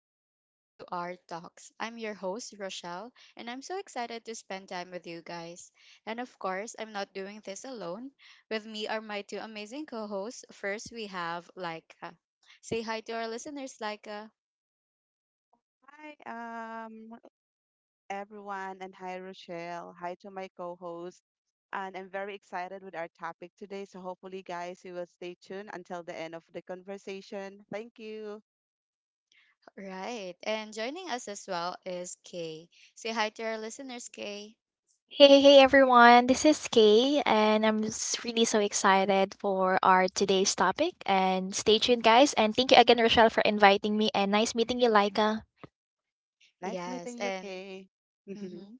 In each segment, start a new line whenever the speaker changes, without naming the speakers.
everyone, welcome to our talks. I'm your host, Rochelle, and I'm so excited to spend time with you guys. And of course, I'm not doing this alone. With me are my two amazing co hosts. First, we have Laika. Say hi to our listeners, Laika.
Hi, everyone, and hi, Rochelle. Hi to my co-host. And I'm very excited with our topic today. So hopefully, guys, you will stay tuned until the end of the conversation. Thank you.
Right. And joining us as well is Kay. Say hi to our listeners, Kay.
Hey, hey everyone, this is Kay, and I'm really so excited for our today's topic. And stay tuned, guys. And thank you again, Rochelle, for inviting me. And nice meeting you, Laika.
Nice meeting
Yes.
you,
And
Kay. Yes.
mhm.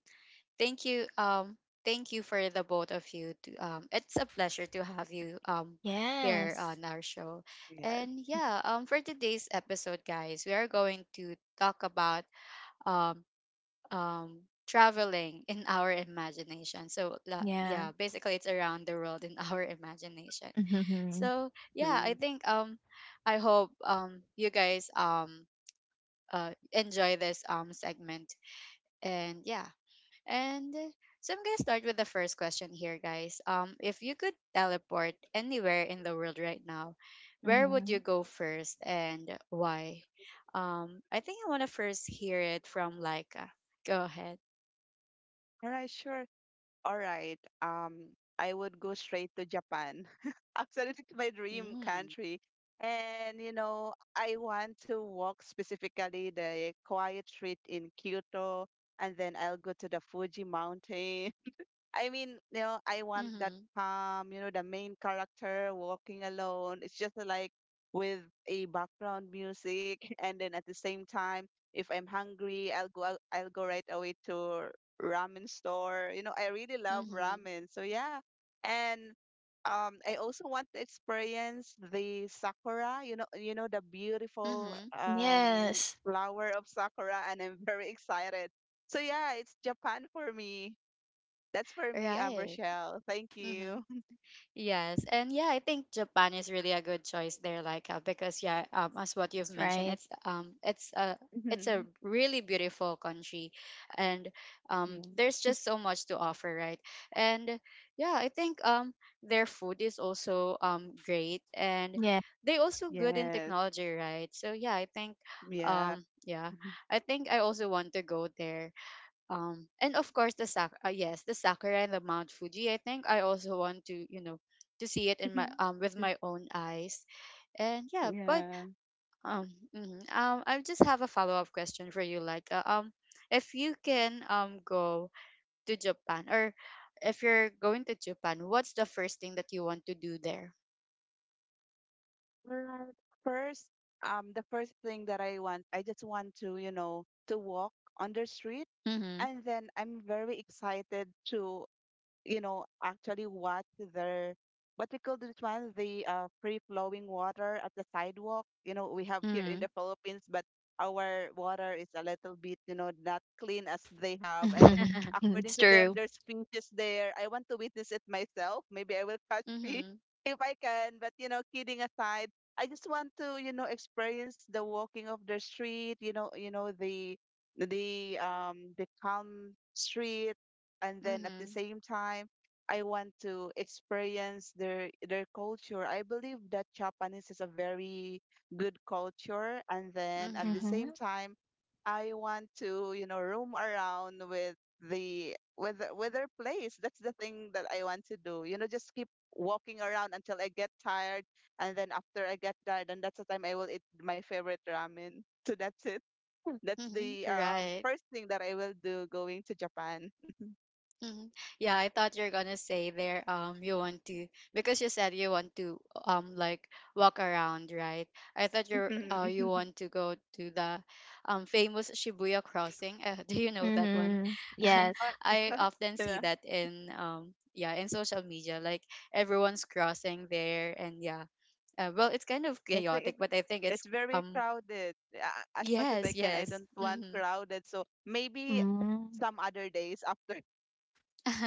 Thank you. Thank you for the both of you. To, it's a pleasure to have you here
Yes.
on our show. And yeah, for today's episode, guys, we are going to talk about um traveling in our imagination.
Yeah.
Yeah, basically it's around the world in our imagination.
Mm-hmm.
So yeah, I
Mhm.
think I hope you guys enjoy this segment and yeah and so I'm gonna start with the first question here, guys. If you could teleport anywhere in the world right now, where would
Mm-hmm.
you go first and why? I think I want to first hear it from Laika. Go ahead.
All right, sure. all right, um, I would go straight to Japan. Actually, it's my dream
Mm.
country. And, you know, I want to walk specifically the quiet street in Kyoto, and then I'll go to the Fuji Mountain. I mean, you know, I want that
Mm-hmm.
calm, you know, the main character walking alone. It's just like with a background music, and then at the same time, if I'm hungry, I'll go right away to ramen store. You know, I really love
Mm-hmm.
ramen. So yeah. And I also want to experience the sakura, you know the beautiful
Mm-hmm.
Yes.
flower of sakura and I'm very excited. So yeah, it's Japan for me. That's for me,
Right.
Rochelle. Thank
Mhm.
you.
Yes, and yeah, I think Japan is really a good choice there, because yeah, as what you've
That's
mentioned,
right.
it's a
Mhm.
really beautiful country, and there's
Yes.
just so much to offer, right? And yeah, I think their food is also great, and
Yeah.
they also good in
Yes.
technology, right? So
Yeah.
yeah, I think I also want to go there, and of course the sak yes the sakura and the mount fuji I think I also want to you know to see it in my with my own eyes and yeah but
Yeah.
um mhm, I just have a follow-up question for you if you can go to Japan or if you're going to Japan, what's the first thing that you want to do there?
Well, first, the first thing that I want, I just want to, you know, to walk on the street,
Mm-hmm.
and then I'm very excited to you know, actually watch their what we call this one, the free flowing water at the sidewalk. You know, we have here in
Mm-hmm.
the Philippines, but our water is a little bit, you know, not clean as they have. And then
Mm-hmm.
according
It's
to them,
true.
there's fishes there. I want to witness it myself. Maybe I will catch
Mm-hmm.
fish
Mm-hmm.
if I can. But you know, kidding aside, I just want to, you know, experience the walking of the street. You know the the calm street, and then at the
Mm-hmm.
same time I want to experience their culture. I believe that Japanese is a very good culture, and then at the
Mm-hmm.
same time I want to, you know, roam around with with their place. That's the thing that I want to do. You know, just keep walking around until I get tired, and then after I get tired, and that's the time I will eat my favorite ramen. So that's it. That's
Mm-hmm.
the
Right.
first thing that I will do going to Japan.
Mhm. Yeah, I thought you're gonna say there. You want to because you said you want to walk around, right? I thought you want to go to the famous Shibuya crossing. Do you know that one?
Mm-hmm. Yes.
Uh,
I often see
yeah,
that in yeah in social media, like everyone's crossing there, and yeah, well, it's kind of
I think
chaotic, but I think it's
it's very
um
crowded. As much as I
yes,
can, I
yes,
don't want
mm-hmm,
crowded. So maybe
Mm-hmm.
some other days after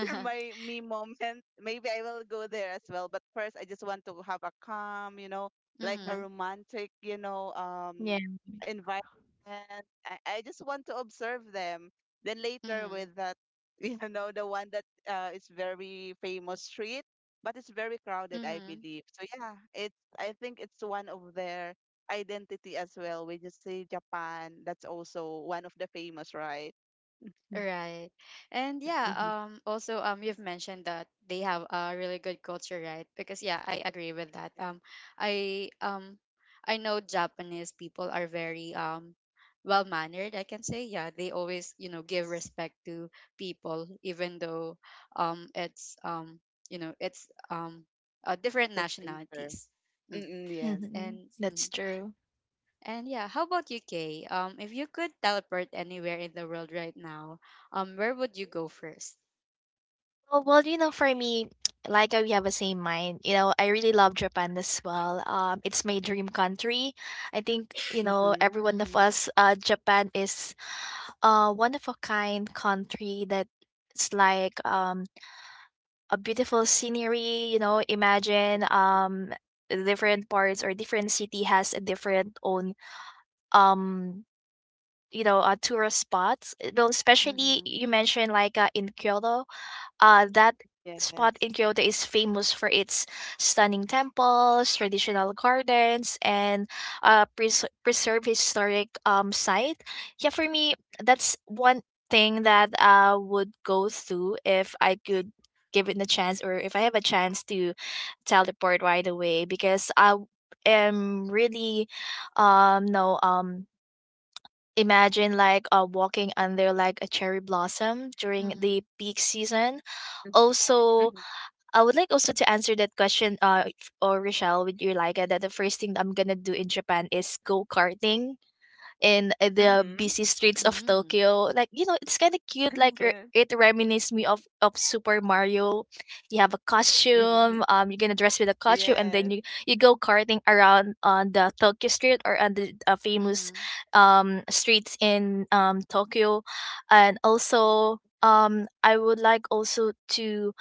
my me moment. Maybe I will go there as well. But first, I just want to have a calm, you know, like a
mm-hmm,
romantic, you know,
Yeah.
environment. I just want to observe them. Then later,
mm-hmm,
with that, you know, the one that is very famous street, but it's very crowded, I
mm-hmm.
believe. So yeah, it's I think it's one of their identity as well. When you say Japan, that's also one of the famous, right?
Right. And yeah,
Mhm.
also you've mentioned that they have a really good culture, right? Because yeah, I agree with that. I um I know Japanese people are very well-mannered, I can say. Yeah, they always, you know, give
Yes,
respect to people even though it's you know, it's um different
the traitor.
nationalities. Hmm
Mm-mm, yes.
Mm-hmm.
And
That's
mhm.
true.
And yeah, how about you, Kay? If you could teleport anywhere in the world right now, where would you go first?
Oh, well, you know, for me, like we have the same mind. You know, I really love Japan as well. It's my dream country. I think, you know,
Mm-hmm.
every one of
Mm-hmm.
us, Japan is one of a kind country, that it's like a beautiful scenery. You know, imagine different parts or different city has a different own um tourist spots. Well, especially
Mm-hmm.
you mentioned like in Kyoto, that spot
Yes.
in Kyoto is famous for its stunning temples, traditional gardens, and preserved historic site. Yeah, for me, that's one thing that I would go through if I could give it a chance, or if I have a chance to teleport right away, because I am really no imagine like walking under like a cherry blossom during the
Mm-hmm.
peak season.
Mm-hmm.
Also, I would like also to answer that question, or Rochelle, would you like, that the first thing that I'm gonna do in Japan is go karting in the
Mm-hmm.
busy streets of
Mm-hmm.
Tokyo. Like, you know, it's kind of cute. Like, it reminisces me of Super Mario. You have a
Mm-hmm.
costume, you're going to dress with a costume, and
Yes.
then you go karting around on the Tokyo street, or on the famous
Mm-hmm.
streets in Tokyo. And also, I would like also to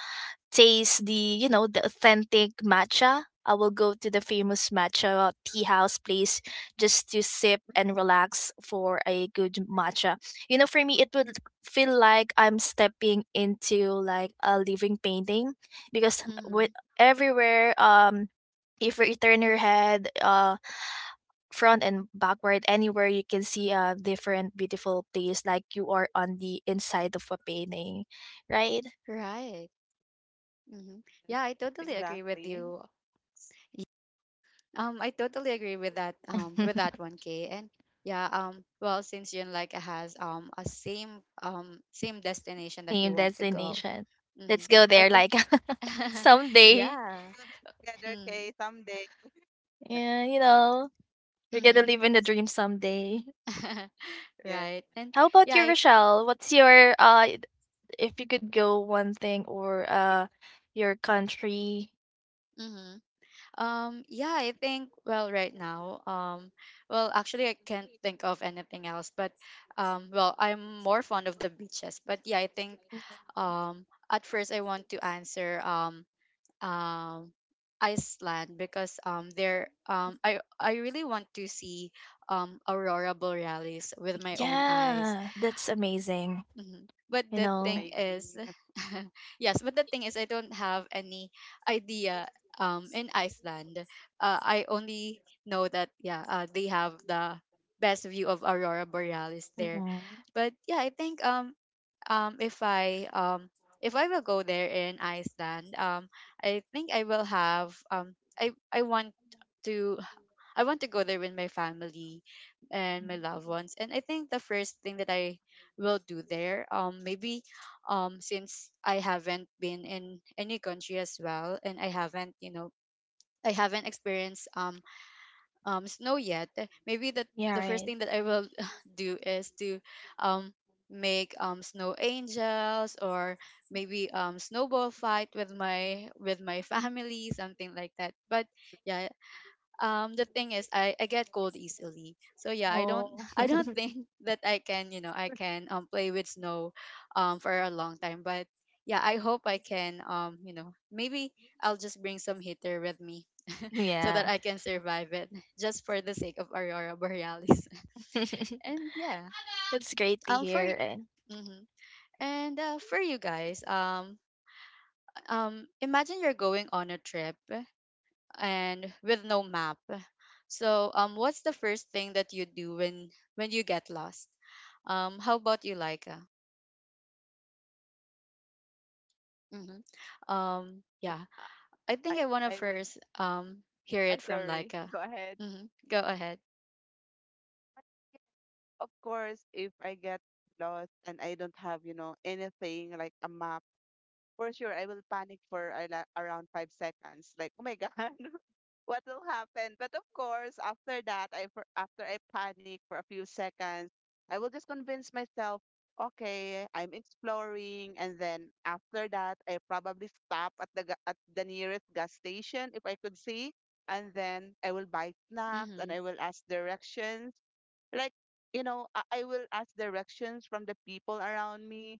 taste, the the authentic matcha. I will go to the famous matcha tea house place just to sip and relax for a good matcha. For me, it would feel like I'm stepping into like a living painting, because
Mm-hmm.
with everywhere, if you turn your head, front and backward, anywhere you can see a different beautiful place, like you are on the inside of a painting, right?
Right. Mm-hmm.
Yes.
Yeah, I totally agree with
Exactly.
you. Y- I totally agree with that. With that one, Kay. And yeah. Well, since you like has a same same destination that
Same
you want to go,
destination. Let's
mm-hmm.
go
I
there
think.
like,
Let's
someday.
yeah.
do that together, okay, someday.
Yeah, you know, you're gonna
Mm-hmm.
live in the dream someday.
Yes.
Right. And
How about
yeah,
you,
I
Rochelle? What's your if you could go one thing, or your country?
mhm. Yeah, I think well right now, well actually I can't think of anything else, but well, I'm more fond of the beaches. But yeah, I think
Mhm.
at first I want to answer um Iceland because there I really want to see aurora borealis with my own eyes.
Yeah, that's amazing.
Mhm. But
You
the
know.
thing is,
Amazing. Of
yes, but the thing is, I don't have any idea. In Iceland, I only know that yeah, they have the best view of aurora borealis there.
Mhm.
But yeah, I think um if I um if I will go there in Iceland, I think I will have to I want to go there with my family and my loved ones. And I think the first thing that I will do there, maybe, since I haven't been in any country as well, and I haven't, you know, I haven't experienced snow yet. Maybe
Yeah,
the first
right.
thing that I will do is to um make snow angels or maybe snowball fight with my family, something like that. But yeah, the thing is I get cold easily, so yeah I don't
Oh.
I don't think that I can, you know, I can play with snow for a long time. But yeah, I hope I can you know, maybe I'll just bring some heater with me so that
yeah.
I can survive it just for the sake of aurora borealis. And yeah
That's great to
for
hear. And
hmm and for you guys imagine you're going on a trip and with no map. So, what's the first thing that you do when you get lost? How about you, Laika? Hmm
course,
yeah, I
I,
think I want to
I I would.
first hear
I
it
am
from
sorry.
Laika.
Go ahead.
Mm-hmm. Go ahead.
Of course, if I get lost and I don't have, you know, anything like a map, for sure I will panic for around 5 seconds. Like, oh my God, what will happen. But of course, after that, after I panic for a few seconds, I will just convince myself, okay, I'm exploring, and then after that, I probably stop at at the nearest gas station if I could see, and then I will buy snacks and
Mm-hmm.
I will ask directions. Like, you know, I will ask directions from the people around me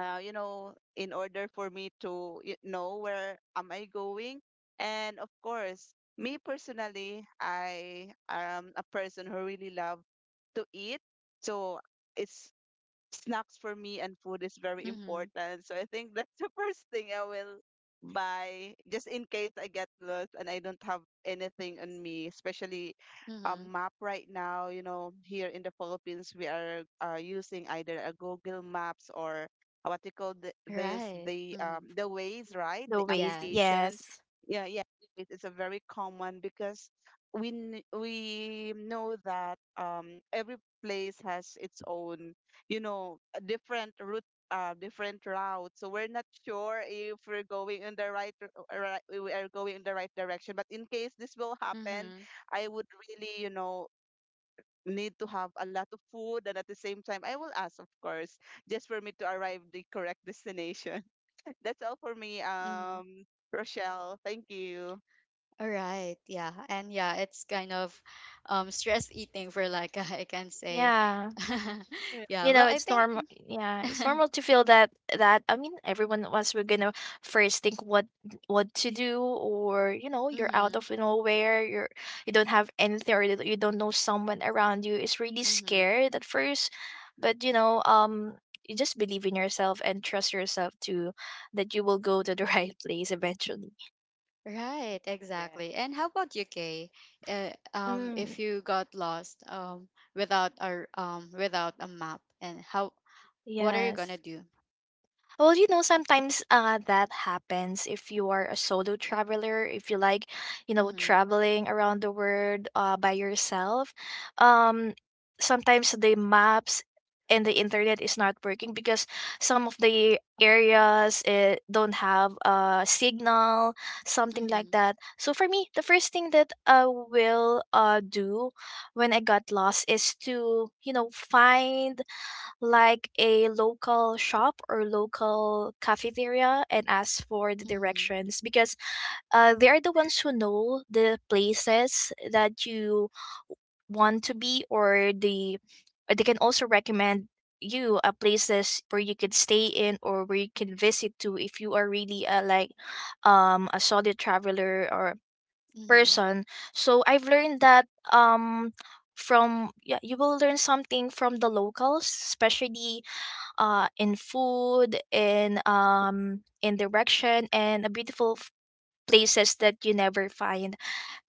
you know, in order for me to know where am I going. And of course, me personally, I am a person who really love to eat. So it's snacks for me and food is very
Mm-hmm.
important. So I think that's the first thing I will buy just in case I get lost and I don't have anything on me, especially a
Mm-hmm.
map right now. You know, here in the Philippines, we are using either a Google Maps or what you call this,
Right. Mm-hmm.
the ways, right?
the
The
ways,
Yes.
application.
yes.
Yeah, yeah. It's a very common because we know that every place has its own you know, a different route, different route. So we're not sure if we're going in the right, we are going in the right direction. But in case this will happen,
Mm-hmm.
I would really, you know, need to have a lot of food, and at the same time, I will ask, of course, just for me to arrive the correct destination. That's all for me,
Mm-hmm.
Rochelle. Thank you.
All right. Yeah. And yeah, it's kind of stress eating for Laika, I can say.
Yeah.
Mm.
yeah.
You
Well,
know,
I
it's
think.
normal. Yeah, it's normal to feel that. That, I mean, everyone of us we're gonna first think what to do, or you know, you're out
mm-hmm.
of nowhere, you're, you don't have anything, or you don't know someone around you. It's really
Mm-hmm.
scared at first, but you know, you just believe in yourself and trust yourself, to that you will go to the right place eventually.
Right,
Yes,
exactly. And how about you, Kay?
Mm,
If you got lost without a without a map, and how what are you gonna
yes.
do?
Well, you know, sometimes that happens if you are a solo traveler, if you like, you know,
Mm-hmm.
traveling around the world by yourself. Um, Sometimes the maps and the internet is not working, because some of the areas, don't have a signal, something like
Mm-hmm.
that. So for me, the first thing that I will do when I got lost is to, you know, find like a local shop or local cafeteria and ask for the
Mm-hmm.
directions, because they're the ones who know the places that you want to be, or the or they can also recommend you places where you could stay in, or where you can visit to, if you are really like a solid traveler or
Mm-hmm.
person. So I've learned that, um from, yeah, you will learn something from the locals, especially in food, in direction, and a beautiful places that you never find.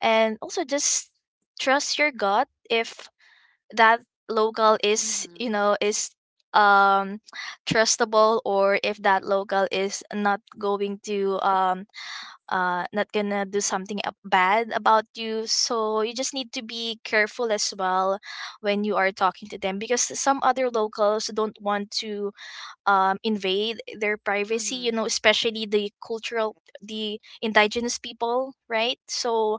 And also, just trust your gut, if that local is,
Mm-hmm.
is um trustable, or if that local is not going to, not gonna do something bad about you, so you just need to be careful as well when you are talking to them, because some other locals don't want to invade their privacy, you
Mm-hmm.
know, especially the indigenous people, right? So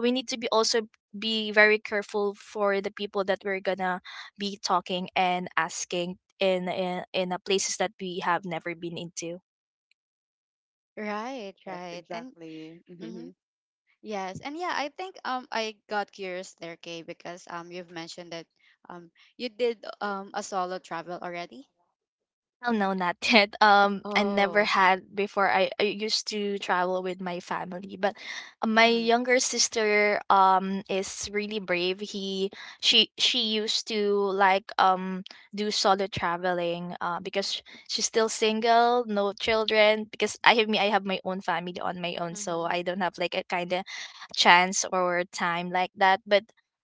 we need to be also be very careful for the people that we're gonna be talking and asking, in a places that we have never been into.
Right,
yes,
right. And
exactly.
mm-hmm.
Hmm.
Yes, and yeah, I think I got curious there, Kay, because you've mentioned that um you did a solo travel already.
Oh no, not yet. I never
Oh.
had before. I used to travel with my family, but my
Mm-hmm.
younger sister is really brave. He she used to like do solo traveling because she's still single, no children. Because I have my own family on my own, so
Mm-hmm.
I don't have like a kind of chance or time like that, but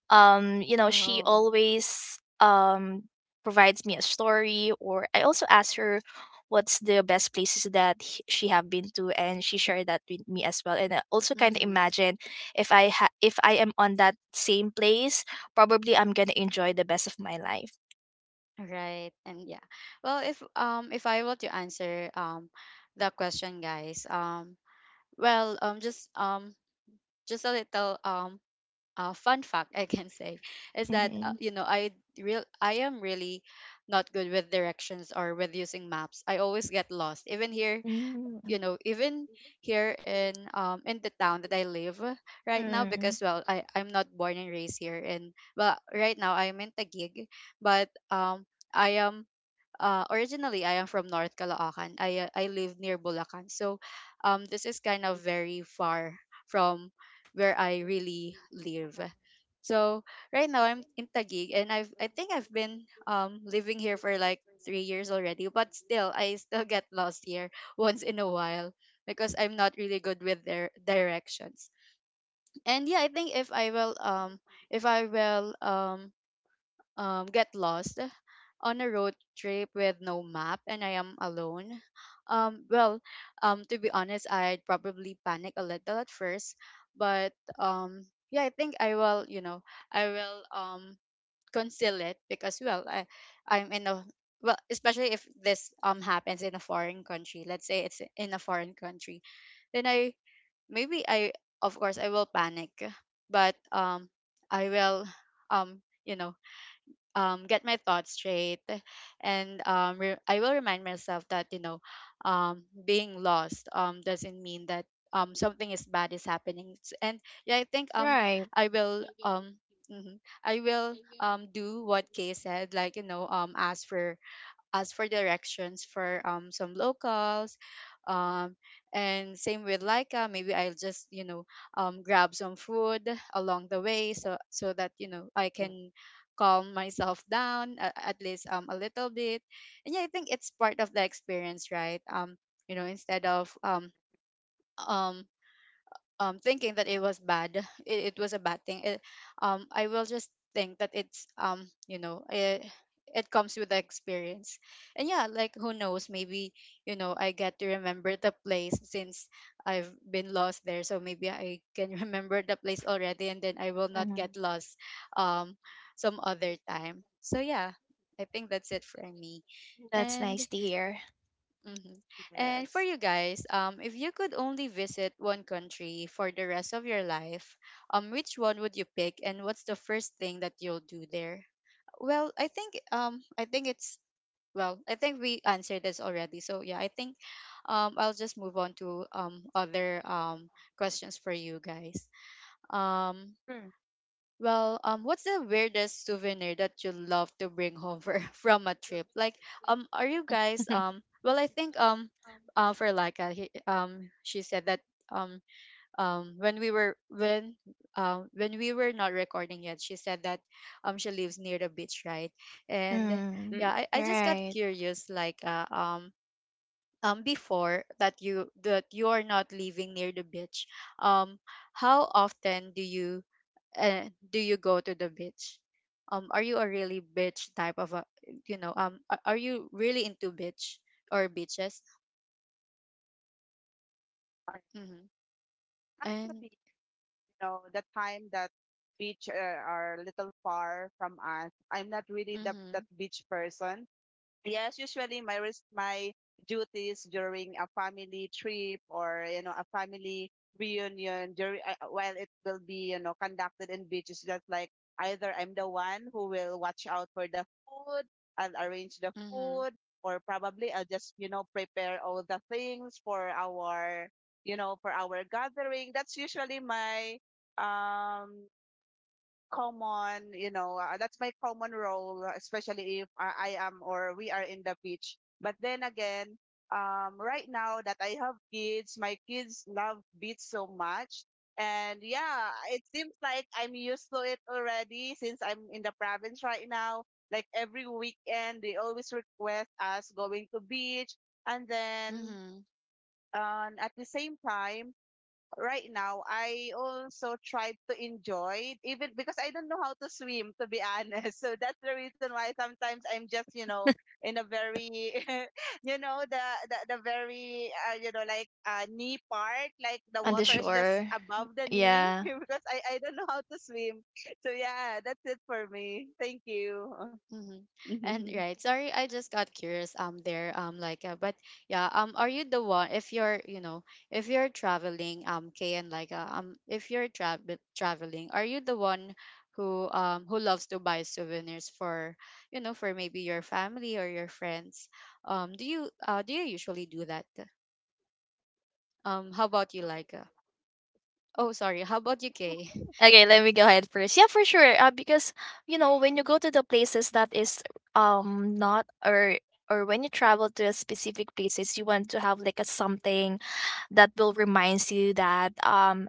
she
Oh.
always provides me a story, or I also asked her what's the best places that she have been to, and she shared that with me as well. And I also kind of
Mm-hmm.
imagine if I am on that same place, probably I'm going to enjoy the best of my life.
Right. And yeah. Well, if I were to answer the question, guys, well, just a little fun fact I can say is that
Mhm.
you know I am really not good with directions or with using maps. I always get lost. Even here,
Mm.
you know, even here in the town that I live right now
Mm.
because well, I I'm not born and raised here, and well, right now I'm in Taguig, but I am originally I am from North Caloocan. I live near Bulacan. So this is kind of very far from where I really live. So right now I'm in Taguig, and I think I've been living here for like 3 years already, but still I still get lost here once in a while because I'm not really good with their directions. And yeah, I think if I will get lost on a road trip with no map and I am alone. Um, well, to be honest, I'd probably panic a little at first, but yeah, I think I will. You know, I will conceal it because I'm in a well, especially if this happens in a foreign country. Let's say it's in a foreign country, then I maybe I of course I will panic, but I will um you know get my thoughts straight and I will remind myself that you know being lost doesn't mean that something is bad is happening. And yeah I think I will mhm, I will do what Kay said, like you know ask for ask for directions for some locals, um and same with Laika, maybe I'll just you know grab some food along the way so so that you know I can calm myself down at least a little bit. And yeah, I think it's part of the experience, right? You know, instead of um thinking that it was bad, it was a bad thing. I will just think that it's you know, it comes with the experience, and yeah, like who knows, maybe you know, I get to remember the place since I've been lost there, so maybe I can remember the place already, and then I will not
Mhm.
get lost, um, some other time. So yeah, I think that's it for me,
That's
and
nice to hear.
mm-hmm. And for
Yes.
you guys, if you could only visit one country for the rest of your life, which one would you pick, and what's the first thing that you'll do there? Well, I think it's well, I think we answered this already. So yeah, I think I'll just move on to other questions for you guys. Um,
Mm.
well, what's the weirdest souvenir that you love to bring home for, from a trip? Like, are you guys um? Well, I think for Laika, she said that um, when we were when we were not recording yet, she said that she lives near the beach, right? And
mm.
Mm-mm.
yeah, I just got
Right.
curious, like before that you are not living near the beach, um, how often do you go to the beach? Are you a really beach type of a, are you really into beach or beaches? Mm-hmm. And
Alright, you know, the time that beach are a little far from us. I'm not really the, that
mm-hmm,
beach person. Yes, usually my duties during a family trip or you know a family reunion during while it will be you know conducted in beach is just like either I'm the one who will watch out for the food, I'll arrange the
mm-hmm,
food, or probably I'll just you know prepare all the things for our you know for our gathering. That's usually my um common, you know, that's my common role, especially if I am or we are in the beach. But then again, right now that I have kids, my kids love beach so much. And yeah, it seems like I'm used to it already since I'm in the province right now. Like every weekend, they always request us going to beach. And then
mm-hmm,
at the same time, right now, I also try to enjoy even because I don't know how to swim, to be honest. So that's the reason why sometimes I'm just, you know, in a very, you know, the very, you know, like knee part, like the
On the
water is
mm-hmm.
just
shore.
above the knee
Yeah.
because I don't know how to swim. So yeah, that's it for me. Thank you.
Mm-hmm. And right, sorry, I just got curious there but yeah are you the one if you're, if you're traveling Kay, and if you're traveling, are you the one who loves to buy souvenirs for you know, for maybe your family or your friends, do you usually do that? How about you, oh sorry, how about you, Kay?
Okay, let me go ahead first. Yeah, for sure. Because, you know, when you go to the places that is not, or when you travel to a specific places, you want to have like a something that will reminds you that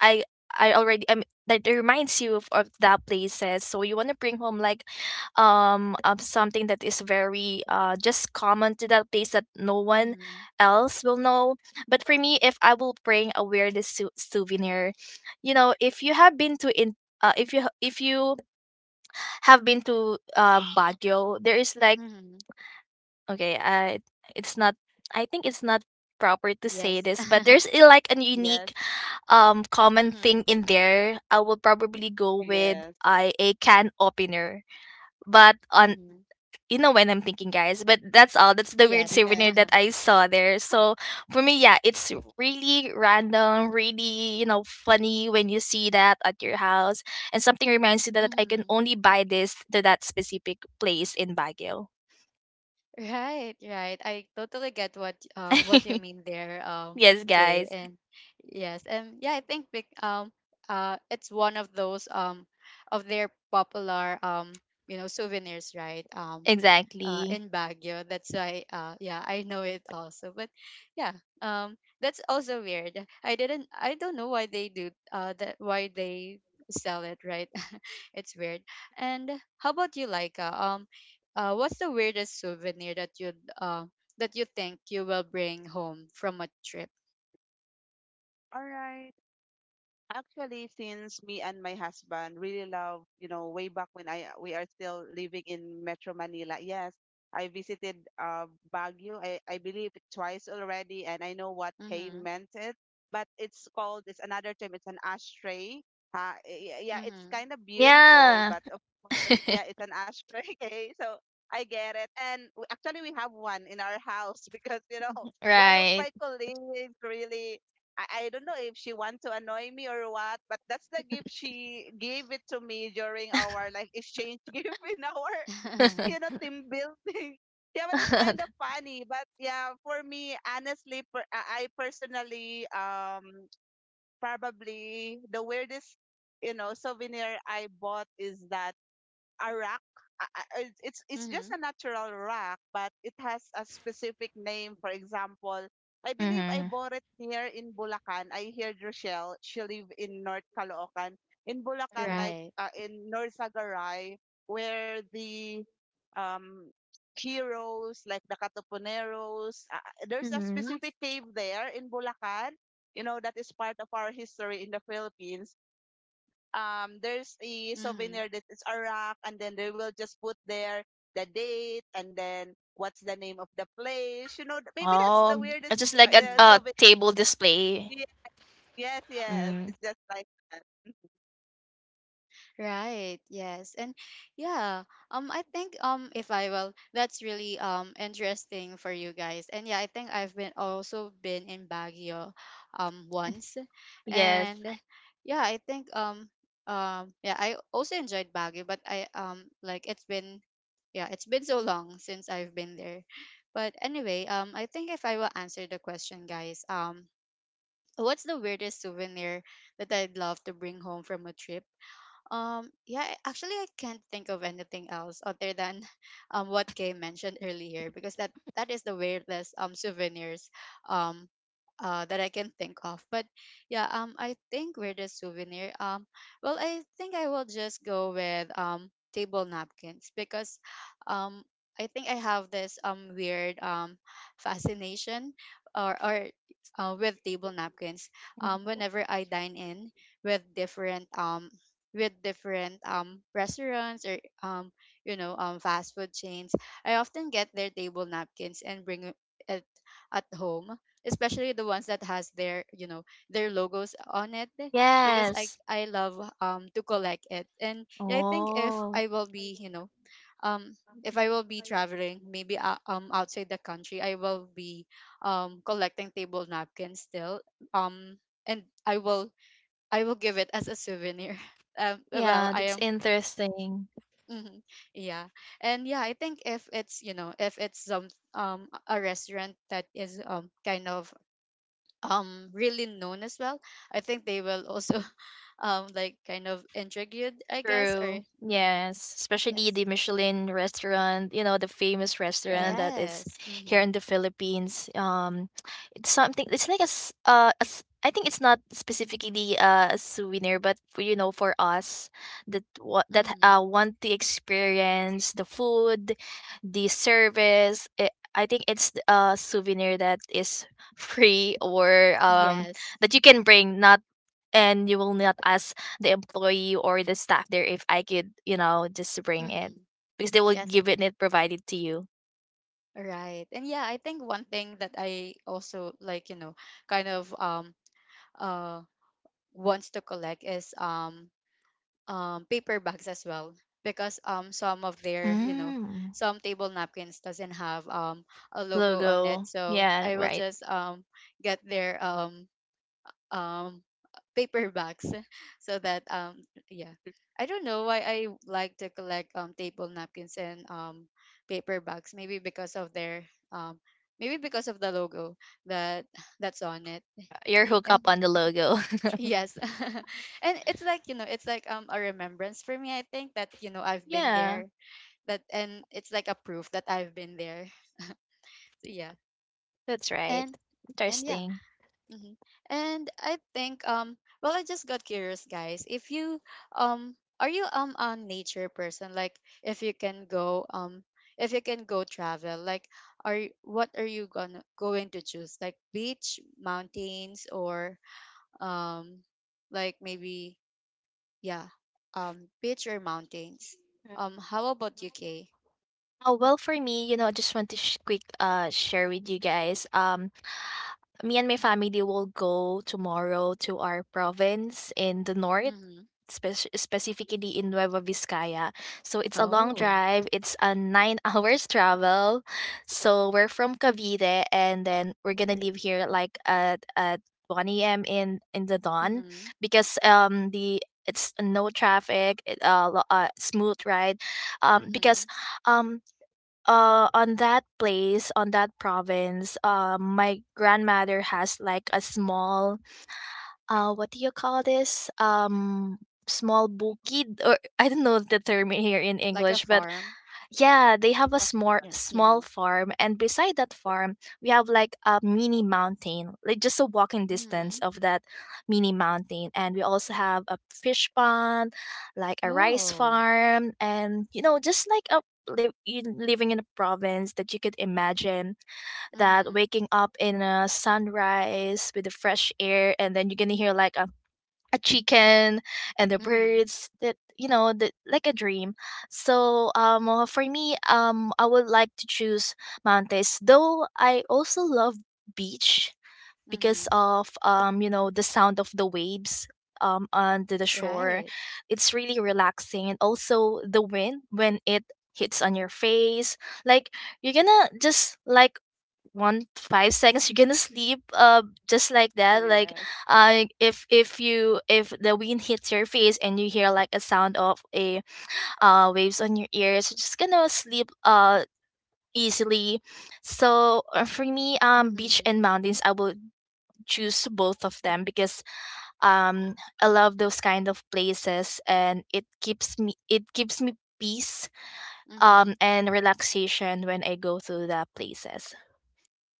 I I already, that reminds you of that places. So you want to bring home like of something that is very just common to that place, that no one
Mm-hmm.
else will know. But for me, if I will bring a weirdest souvenir, you know, if you have been to in, if you have been to Baguio, there is like,
Mm-hmm.
Okay, it's not. I think it's not proper to say
Yes.
this, but there's, like a
Yes.
unique, common
Mm-hmm.
thing in there. I will probably go with,
Yes.
I a can opener, but on,
Mm-hmm.
Mm-hmm.
when I'm thinking, guys. But that's all. That's the weird
Yes.
souvenir
Yes.
that I saw there. So for me, yeah, it's really random, really, funny when you see that at your house, and something reminds you that I can
Mm-hmm.
only buy this to that specific place in Baguio.
Right, right. I totally get what you mean there,
Yes,
Kay.
guys.
And yes, and yeah, I think it's one of those of their popular you know, souvenirs, right?
Exactly.
In Baguio. That's why, yeah, I know it also. But yeah, that's also weird. I didn't. I don't know why they do. That why they sell it, right? It's weird. And how about you, Laika? What's the weirdest souvenir uh, that you think you will bring home from a trip?
All right. Actually, since me and my husband really love, you know, way back when I we are still living in Metro Manila. Yes, I visited Baguio. I believe twice already, and I know what Kay
Mm-hmm.
meant it. But it's called it's another term. It's an ashtray. Yeah, it's
Mm-hmm.
kind of beautiful,
Yeah.
but of course, yeah, it's an ashtray. Okay, so I get it. And actually, we have one in our house because you know one of
Right.
my colleagues really I don't know if she want to annoy me or what, but that's the gift she gave it to me during our like exchange gift in our you know team building. Yeah, but it's kind of funny. But yeah, for me, honestly, I personally probably the weirdest you know souvenir I bought is that a rack. It's just
mm-hmm.
a natural rack, but it has a specific name. For example, I believe I
Mm-hmm.
bought it here in Bulacan. I heard Rochelle. She live in North Caloocan. In Bulacan,
Mm-hmm.
like
Right.
in North Sagaray, where the um heroes like the Katupuneros, there's a
Mm-hmm.
specific cave there in Bulacan. You know that is part of our history in the Philippines, there's a
Mm-hmm.
souvenir that is a rock and then they will just put there the date and then what's the name of the place you know maybe that's the
Oh,
weirdest
it's just like
Mm-hmm.
a
souvenir.
table display.
Ye- yes,
Mm.
it's just like that.
Right. Yes. And yeah, I think if I will, that's really interesting for you guys. And yeah, I think I've been also been in Baguio once.
Yes.
And yeah, I think yeah, I also enjoyed Baguio, but I like it's been yeah, it's been so long since I've been there. But anyway, I think if I will answer the question, guys, what's the weirdest souvenir that I'd love to bring home from a trip? Yeah, actually, I can't think of anything else other than what Kay mentioned earlier because that is the weirdest souvenirs um that I can think of. But yeah, I think weirdest souvenir. Well, I think I will just go with table napkins because, um, I think I have this weird fascination or with table napkins. Whenever I dine in with different um with different restaurants or you know, fast food chains, I often get their table napkins and bring it at home, especially the ones that has their you know, their logos on it, because i
Yes.
i love to collect it. And yeah, I think if
Oh,
I will be you know, um if I will be traveling maybe outside the country, I will be collecting table napkins still, um and I will, I will give it as a souvenir. Um, well,
yeah,
I
that's
am
interesting.
hmm yeah. And yeah, I think if it's you know, if it's some a restaurant that is kind of really known as well, I think they will also like kind of intrigued, I guess. Or
True.
mhm,
Yes, especially
yes,
the Michelin restaurant, you know, the famous restaurant
Yes.
that is
yes,
here
mm-hmm,
in the Philippines. It's something. It's like I think it's not specifically, a souvenir, but for, you know, for us that what that,
mm-hmm,
want to experience the food, the service. It, I think it's a souvenir that is free, or
yes,
that you can bring, not, and you will not ask the employee or the staff there, if I could, you know, just bring it,
mm-hmm,
because they will
yes.
give it provided to you.
Right, and yeah, I think one thing that I also like, you know, kind of uh wants to collect is paper bags as well, because some of their you know,
Mm.
some table napkins doesn't have a logo on it,
Logo.
so
Yeah,
I will
right.
just get their um paper bags so that yeah,
It's
I don't know why I like to collect table napkins and paper bags, maybe because of their um maybe because of the logo that that's on it.
You're hooked up on the logo.
Yes. And it's like, you know, it's like a remembrance for me, I think, that, you know, I've been
yeah,
there. That, and it's like a proof that I've been there. So, yeah.
that's right.
And and yeah.
Interesting.
Hmm. And I think well, I just got curious, guys. If you um are you a nature person? Like, if you can go if you can go travel, like, are you, what are you gonna going to choose? Like, beach, mountains, or um like maybe yeah. Beach or mountains. How about UK?
Oh, well, for me, I just want to quick share with you guys. Me and my family will go tomorrow to our province in the north,
Mm-hmm.
specifically in Nueva Vizcaya. So it's a long
Oh.
drive. It's a nine hours travel. So we're from Cavite, and then we're gonna leave here like at 1 a.m. in the dawn,
Mm-hmm.
because the it's no traffic, smooth ride,
Mm-hmm.
because um on that place on that province, my grandmother has like a small, what do you call this, small bukid, or I don't know the term here in
Like a
English, but
farm.
yeah, they have a
the fun.
small
Yeah. Mm-hmm.
small farm, and beside that farm, we have like a mini mountain, like just a walking distance
Mm-hmm.
of that mini mountain. And we also have a fish pond, like a rice
Oh.
farm, and, just like you living in a province that you could imagine, that
Mm-hmm.
waking up in a sunrise with the fresh air, and then you're gonna hear like a chicken and the
Mm-hmm.
birds, that you know the like a dream. So for me, I would like to choose mountains, though I also love beach
Mm-hmm.
because of, the sound of the waves, on the shore.
Right.
It's really relaxing, and also the wind when it hits on your face, like, you're gonna just like, one five seconds you're gonna sleep, just like that. Like,
yes
if the wind hits your face, and you hear like a sound of a, waves on your ears, you're just gonna sleep easily. So, for me, beach
Mm-hmm.
and mountains, I would choose both of them, because um I love those kind of places, and it gives me peace,
Mm-hmm.
and relaxation when I go to the places.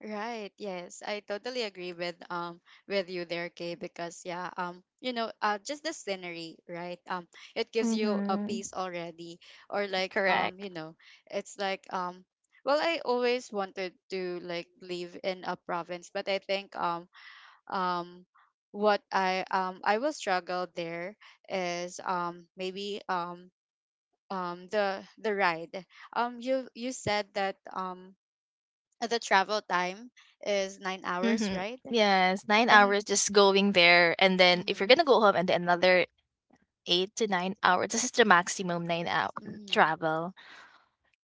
Right. Yes, I totally agree with you there, Kay. Because yeah, you know, just the scenery, right? It gives you a
Mm-hmm.
peace already, or like
Correct.
you know, it's like well, I always wanted to like live in a province, but I think um what I will struggle there is maybe the ride, you, you said that the travel time is 9 hours,
Mm-hmm.
right?
Yes, nine
And
hours just going there, and then if you're
hmm
gonna go home, and then another 8 to 9 hours. This is the maximum 9-hour
hmm
travel.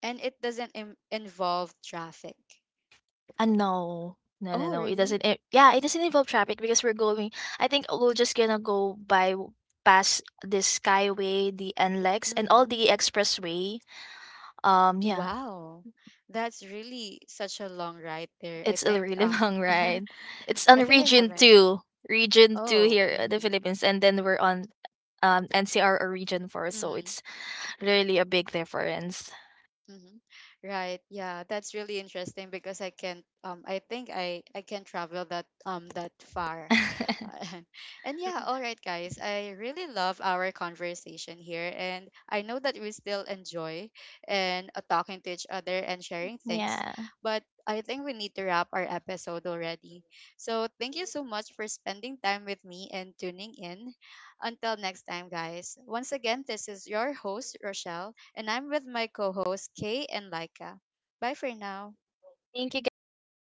and it doesn't involve traffic.
No. No, no,
Oh,
no. It
really?
doesn't it, Yeah, it doesn't involve traffic, because we're going I think we're just gonna go by past the Skyway, the NLEX, and all
Mm-hmm.
the expressway. Yeah,
Wow, that's really such a long ride there. I
it's a
think
really long ride. It's on
I think I
region
haven't.
yes.
2. Region 2
Oh,
here in the
mm-hmm,
Philippines, and then we're on NCR, or region 4, so
mm-hmm.
it's really a big difference.
Mhm. Right. Yeah, that's really interesting because I can't. I think I can not travel that that far, and yeah. All right, guys. I really love our conversation here, and I know that we still enjoy and talking to each other and sharing things,
yeah.
but I think we need to wrap our episode already. So thank you so much for spending time with me and tuning in. Until next time, guys. Once again, this is your host Rochelle, and I'm with my co hosts, Kay and Laika. Bye for now.
Thank you guys. See you next.